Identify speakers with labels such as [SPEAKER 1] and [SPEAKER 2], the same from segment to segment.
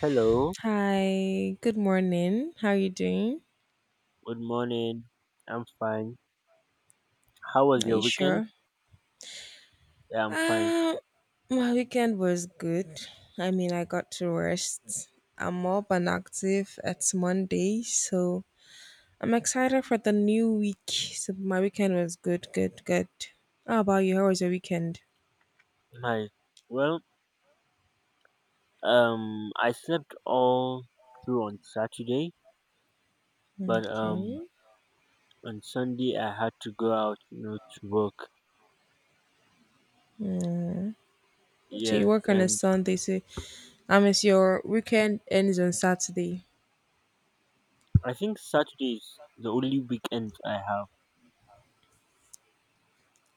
[SPEAKER 1] Hello,
[SPEAKER 2] Hi, good morning. How are you doing?
[SPEAKER 1] good morning. I'm fine. How was
[SPEAKER 2] Are
[SPEAKER 1] your
[SPEAKER 2] you
[SPEAKER 1] weekend?
[SPEAKER 2] sure?
[SPEAKER 1] Yeah, I'm fine.
[SPEAKER 2] Um, my weekend was good. I mean, I got to rest. I'm up and active. It's Monday, so I'm excited for the new week. So my weekend was good, good, good. How about you? How was your weekend?
[SPEAKER 1] Hi. Well, I slept all through on Saturday, but
[SPEAKER 2] Okay.
[SPEAKER 1] on Sunday I had to go out, you know, to work.
[SPEAKER 2] So you
[SPEAKER 1] Yes,
[SPEAKER 2] work on a
[SPEAKER 1] and
[SPEAKER 2] Sunday, so I miss your weekend ends on Saturday.
[SPEAKER 1] I think Saturday is the only weekend I have.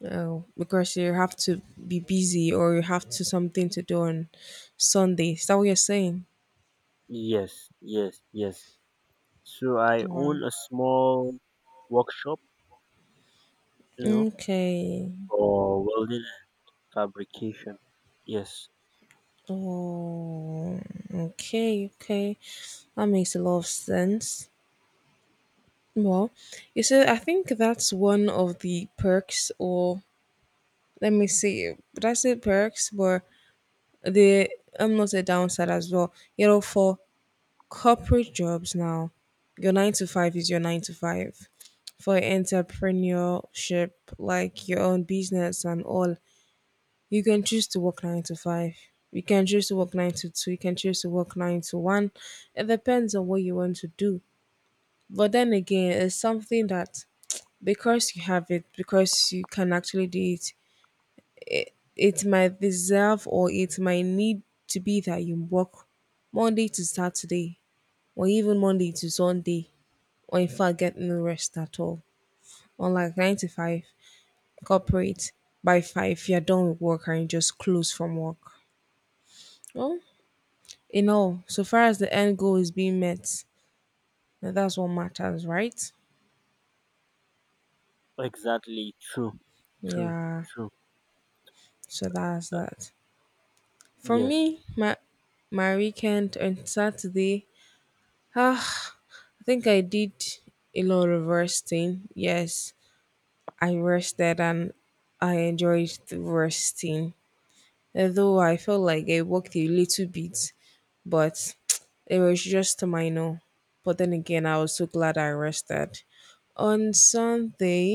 [SPEAKER 2] Oh, because you have to be busy or you have to something to do on Sunday. Is that what you're saying?
[SPEAKER 1] Yes, yes, yes. So I
[SPEAKER 2] Wow.
[SPEAKER 1] own a small workshop, you know,
[SPEAKER 2] Okay.
[SPEAKER 1] for welding and fabrication. Yes.
[SPEAKER 2] Oh, okay, okay. That makes a lot of sense. Well, you said I think that's one of the perks, or let me see, did I say perks? But the I'm not a downside as well. You know, for corporate jobs now, your nine to five is your nine to five. For entrepreneurship, like your own business and all, you can choose to work nine to five. You can choose to work nine to two. You can choose to work nine to one. It depends on what you want to do. But then again, it's something that because you have it, because you can actually do it, it might deserve or it might need to be that you work Monday to Saturday, or even Monday to Sunday, or in fact, get no rest at all. Unlike nine to five, corporate by five, you're done with work and you just close from work. Well, in all, so far as the end goal is being met, now that's what matters, right?
[SPEAKER 1] Exactly. True. True.
[SPEAKER 2] Yeah.
[SPEAKER 1] True.
[SPEAKER 2] So that's
[SPEAKER 1] Uh,
[SPEAKER 2] that. For me,
[SPEAKER 1] yes.
[SPEAKER 2] my weekend on Saturday, ah, I think I did a lot of resting. Yes, I rested and I enjoyed the resting, although I felt like it worked a little bit, but it was just minor. But then again, I was so glad I rested. On Sunday,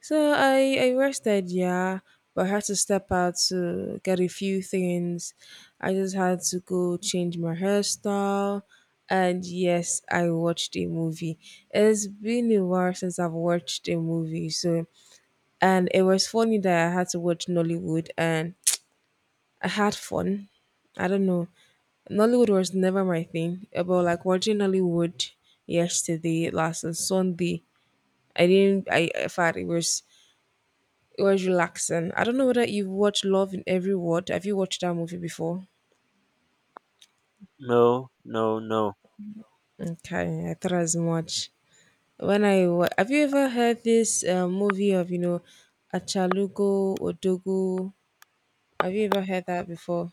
[SPEAKER 2] so I rested, yeah, but I had to step out to get a few things. I just had to go change my hairstyle. And yes, I watched a movie. It's been a while since I've watched a movie, so and it was funny that I had to watch Nollywood and I had fun. I don't know. Nollywood was never my thing. But like watching Nollywood yesterday, last on Sunday, I didn't. I felt it was relaxing. I don't know whether you've watched Love in Every Word. Have you watched that movie before?
[SPEAKER 1] No. No. No.
[SPEAKER 2] Okay, I thought as much. Have you ever heard this movie of Achalugo Odogo? Have you ever heard that before?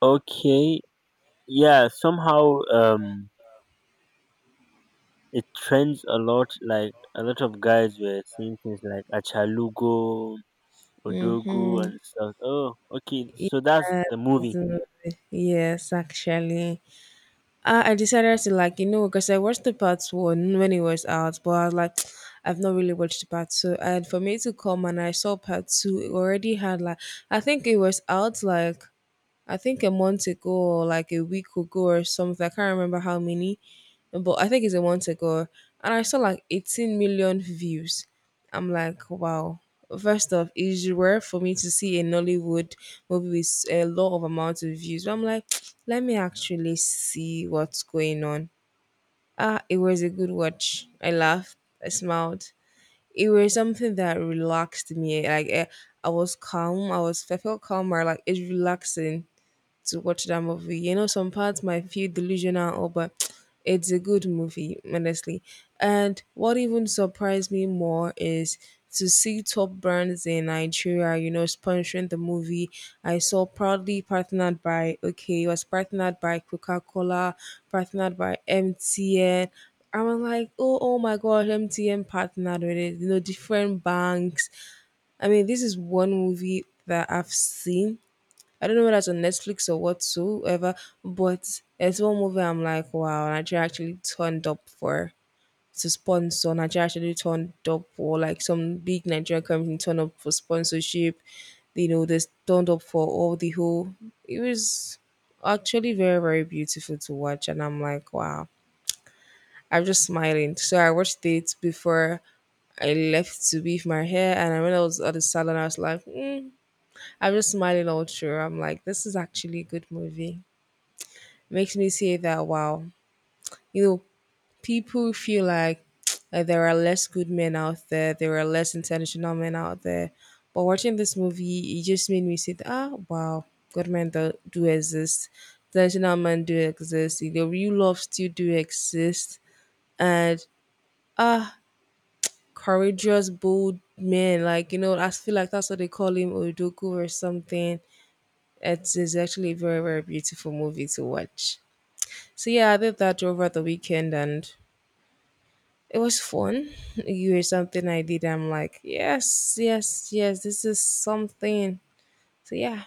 [SPEAKER 1] Okay. Yeah. Somehow, it trends a lot. Like a lot of guys were saying things like Achalugo, Odogu,
[SPEAKER 2] Mm-hmm.
[SPEAKER 1] and stuff. Oh, okay. So that's
[SPEAKER 2] Yeah,
[SPEAKER 1] the
[SPEAKER 2] this
[SPEAKER 1] movie.
[SPEAKER 2] movie. Yes, actually. I decided to like you know because I watched the part one when it was out, but I was like, I've not really watched the part two. And for me to come and I saw part two, it already had like I think it was out like I think a month ago or like a week ago or something. I can't remember how many, but I think it's a month ago. And I saw like 18 million views. I'm like, wow. First off, it's rare for me to see a Nollywood movie with a lot of amount of views. But I'm like, let me actually see what's going on. Ah, it was a good watch. I laughed. I smiled. It was something that relaxed me. Like I was calm. I felt calmer. Like it's relaxing to watch that movie. You know, some parts might feel delusional, or but it's a good movie, honestly. And what even surprised me more is to see top brands in Nigeria, you know, sponsoring the movie. I saw proudly partnered by okay, it was partnered by Coca Cola, partnered by MTN. I was like, oh, oh my God, MTN partnered with it. You know, different banks. I mean, this is one movie that I've seen I don't know whether it's on Netflix or whatsoever, but it's one movie I'm like, wow, Nigeria actually turned up for to sponsor. Nigeria actually turned up for like some big Nigerian company turned up for sponsorship. You know, they turned up for all the whole. It was actually very very beautiful to watch, and I'm like, wow. I'm just smiling. So I watched it before I left to weave my hair, and when I was at the salon, I was like, mm, I'm just smiling all through. I'm like, this is actually a good movie makes me say that wow, you know, people feel like there are less good men out there, there are less intentional men out there. But watching this movie, it just made me say, that, ah, wow, good men do exist, intentional men do exist, you know, real love still do exist, and ah, courageous, bold men, like you know, I feel like that's what they call him, Odoku or something. It is actually a very, very beautiful movie to watch. So yeah, I did that over the weekend and it was fun. You here's something I did. I'm like, yes, yes, yes, this is something. So yeah,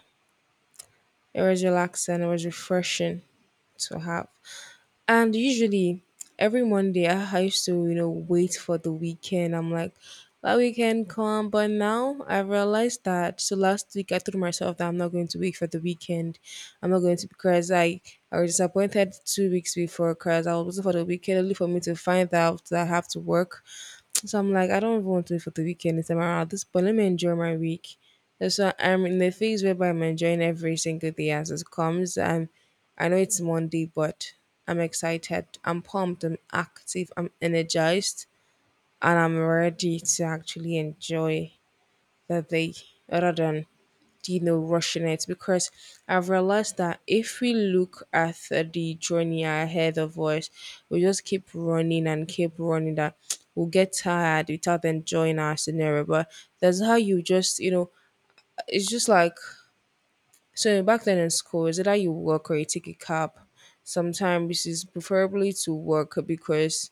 [SPEAKER 2] it was relaxing. It was refreshing to have. And usually every Monday I used to, you know, wait for the weekend. I'm like, that weekend come, but now I realized that so last week I told myself that I'm not going to wait for the weekend. I'm not going to because I was disappointed 2 weeks before because I was waiting for the weekend only for me to find out that I have to work so I'm like, I don't even want to wait for the weekend this time around at this point. Let me enjoy my week. That's why I'm in the phase whereby I'm enjoying every single day as it comes. I know it's Monday, but I'm excited. I'm pumped. I'm active. I'm energized, and I'm ready to actually enjoy the day rather than you know rushing it because I've realized that if we look at the journey ahead of us we just keep running and keep running that we'll get tired without enjoying our scenario but that's how you just you know it's just like so back then in school is it how you walk or you take a cab sometimes it's preferably to work because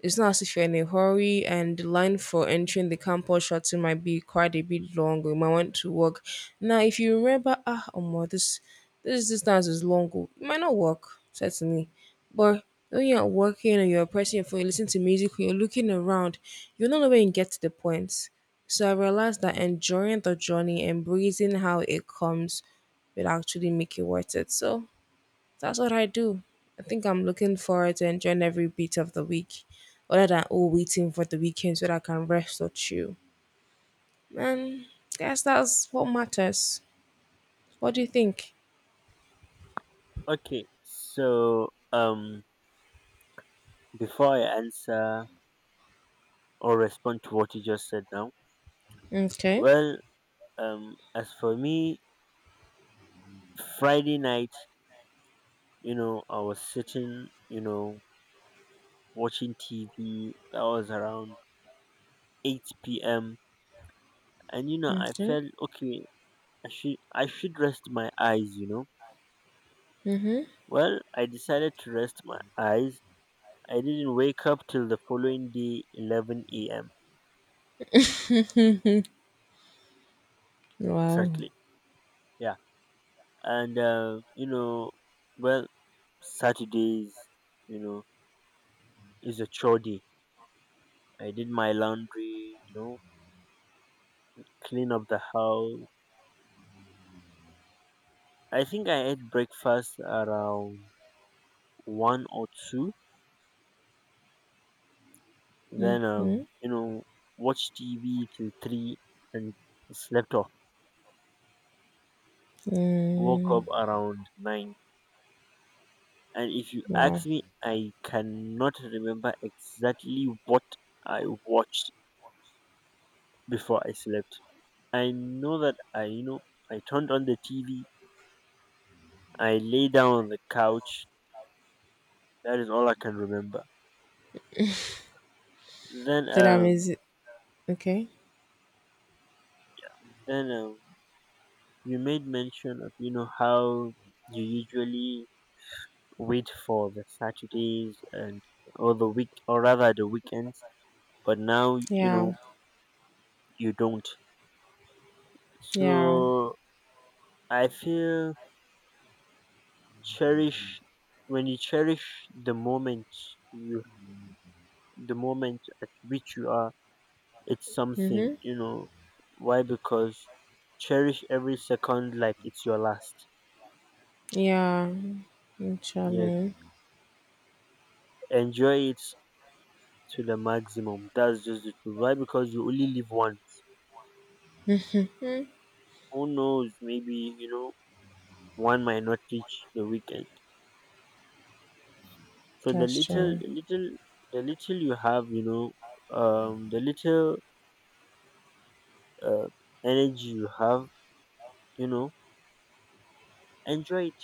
[SPEAKER 2] it's not as if you're in a hurry and the line for entering the campus shuttle might be quite a bit long you might want to walk. Now if you remember ah oh my, this distance is long oh," you might not walk, certainly. But when you're walking and you're pressing your phone, you're listening to music, you're looking around, you don't know when you get to the point. So I realized that enjoying the journey, embracing how it comes will actually make it worth it. So that's what I do. I think I'm looking forward to enjoying every bit of the week, other than oh waiting for the weekend so that I can rest or chill. And guess that's what matters. What do you think?
[SPEAKER 1] Okay. So, before I answer or respond to what you just said now,
[SPEAKER 2] Okay.
[SPEAKER 1] well, as for me, Friday night, you know, I was sitting, you know, watching TV. That was around 8 p.m. And you know, I
[SPEAKER 2] Okay.
[SPEAKER 1] felt okay. I should rest my eyes. You know.
[SPEAKER 2] Mm-hmm.
[SPEAKER 1] Well, I decided to rest my eyes. I didn't wake up till the following day, 11 a.m.
[SPEAKER 2] Wow.
[SPEAKER 1] Exactly. Yeah. And you know, well, Saturdays, you know, is a chore day. I did my laundry. You know, clean up the house. I think I ate breakfast around one or two, then
[SPEAKER 2] Mm-hmm.
[SPEAKER 1] you know, watched TV till three and slept off. Woke
[SPEAKER 2] Mm,
[SPEAKER 1] up around nine, and if you
[SPEAKER 2] wow.
[SPEAKER 1] ask me, I cannot remember exactly what I watched before I slept. I know that I, you know, I turned on the TV, I lay down on the couch. That is all I can remember. Then
[SPEAKER 2] So that means
[SPEAKER 1] um
[SPEAKER 2] okay.
[SPEAKER 1] then you made mention of, you know, how you usually wait for the Saturdays and, or the week, or rather the weekends, but now, you
[SPEAKER 2] Yeah.
[SPEAKER 1] know, you don't.
[SPEAKER 2] Yeah.
[SPEAKER 1] So I feel, cherish, when you cherish the moment you, the moment at which you are, it's something,
[SPEAKER 2] Mm-hmm.
[SPEAKER 1] you know. Why? Because cherish every second like it's your last.
[SPEAKER 2] Yeah.
[SPEAKER 1] Yes.
[SPEAKER 2] Actually,
[SPEAKER 1] Enjoy it to the maximum. That's just it. Why? Because you only live once.
[SPEAKER 2] mm,
[SPEAKER 1] Who knows? Maybe, you know, one might not reach the weekend. So the
[SPEAKER 2] that's
[SPEAKER 1] little,
[SPEAKER 2] true.
[SPEAKER 1] the little, the little you have, you know, the little uh, energy you have, you know, enjoy it.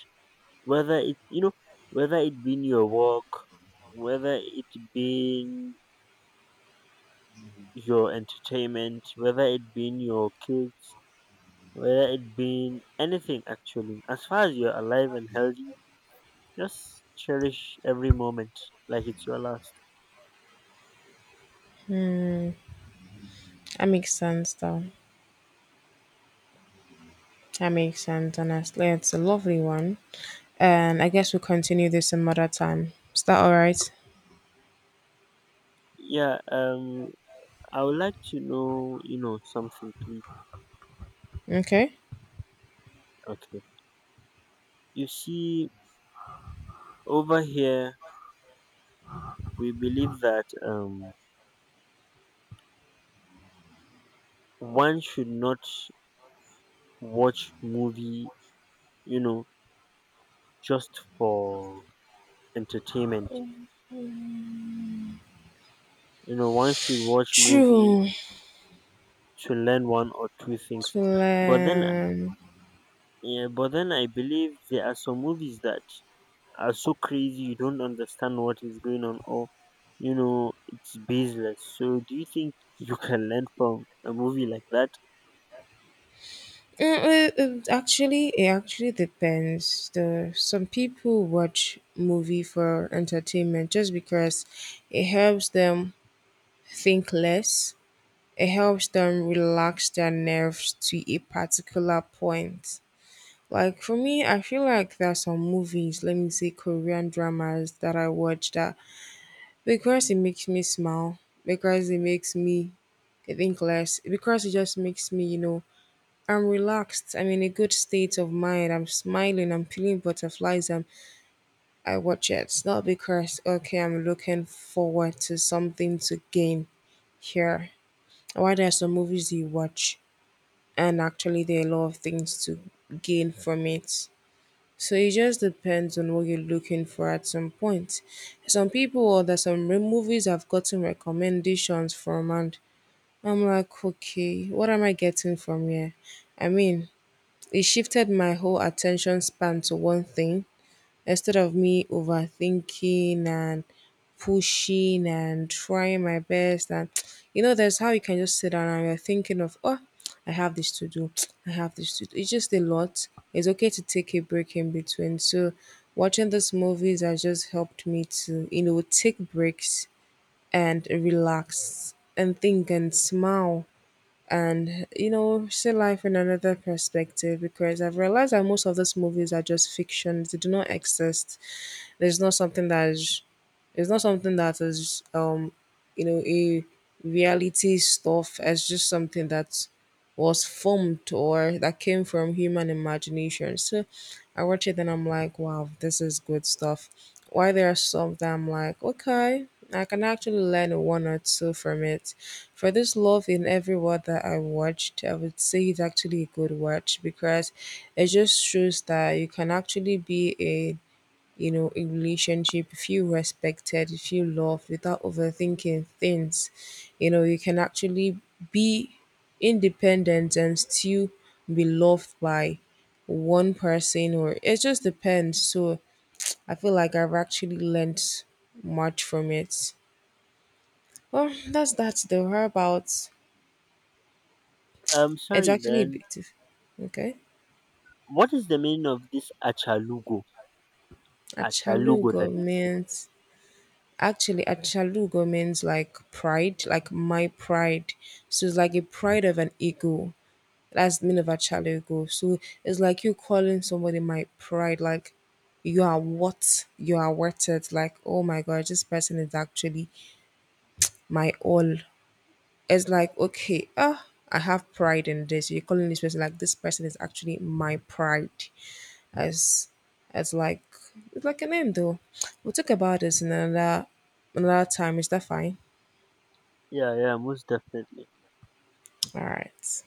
[SPEAKER 1] Whether it, you know, whether it be your work, whether it be your entertainment, whether it be your kids, whether it be anything actually. As far as you're alive and healthy, just cherish every moment like it's your last.
[SPEAKER 2] That makes sense though. That makes sense, honestly. It's a lovely one. And I guess we'll continue this some other time. Is that all right?
[SPEAKER 1] Yeah. I would like to know, you know, something, please.
[SPEAKER 2] Okay.
[SPEAKER 1] Okay. You see, over here, we believe that one should not watch movie, you know, just for entertainment. You know, one should watch movie
[SPEAKER 2] True.
[SPEAKER 1] to learn one or two
[SPEAKER 2] To
[SPEAKER 1] things. But then,
[SPEAKER 2] learn.
[SPEAKER 1] yeah, but then I believe there are some movies that are so crazy you don't understand what is going on, or you know, it's baseless. So do you think you can learn from a movie like that?
[SPEAKER 2] Mm, it- it actually depends. The some people watch movie for entertainment just because it helps them think less. It helps them relax their nerves to a particular point. Like for me, I feel like there are some movies, let me say Korean dramas that I watch that because it makes me smile, because it makes me think less, because it just makes me, you know, I'm relaxed. I'm in a good state of mind. I'm smiling. I'm feeling butterflies. And I watch it. It's not because okay, I'm looking forward to something to gain here. Why there are some movies you watch and actually there are a lot of things to gain from it. So it just depends on what you're looking for at some point. Some people or that some re- Movies I've gotten recommendations from, and I'm like, okay, what am I getting from here? I mean, it shifted my whole attention span to one thing instead of me overthinking and pushing and trying my best. And you know, there's how you can just sit down and you're thinking of, oh, I have this to do, I have this to do. It's just a lot. It's okay to take a break in between. So watching these movies has just helped me to, you know, take breaks and relax and think and smile and you know see life in another perspective because I've realized that most of these movies are just fictions they do not exist there's not something that is it's not something that is you know a reality stuff. It's just something that was formed or that came from human imagination. So I watch it and I'm like, wow, this is good stuff. Why there are some that I'm like, okay, I can actually learn one or two from it. For this love in every word that I watched, I would say it's actually a good watch because it just shows that you can actually be a you know, a relationship, you feel respected, you feel loved without overthinking things. You know, you can actually be independent and still be loved by one person or it just depends. So I feel like I've actually learnt much from it. Well, that's the whereabouts. It's
[SPEAKER 1] Sorry,
[SPEAKER 2] actually a
[SPEAKER 1] then
[SPEAKER 2] bit okay.
[SPEAKER 1] what is the meaning of this achalugo,
[SPEAKER 2] Achalu
[SPEAKER 1] that is?
[SPEAKER 2] government. Actually, Achalugo means like pride, like my pride. So it's like a pride of an ego. That's the meaning of Achalugo. So it's like you calling somebody my pride, like you are what you are worth it. Like, oh my god, this person is actually my all. It's like, okay, ah, I have pride in this. You're calling this person like this person is actually my pride. As as like it's like a name though. We'll talk about this in another time. Is that fine?
[SPEAKER 1] Yeah, yeah, most definitely.
[SPEAKER 2] All right.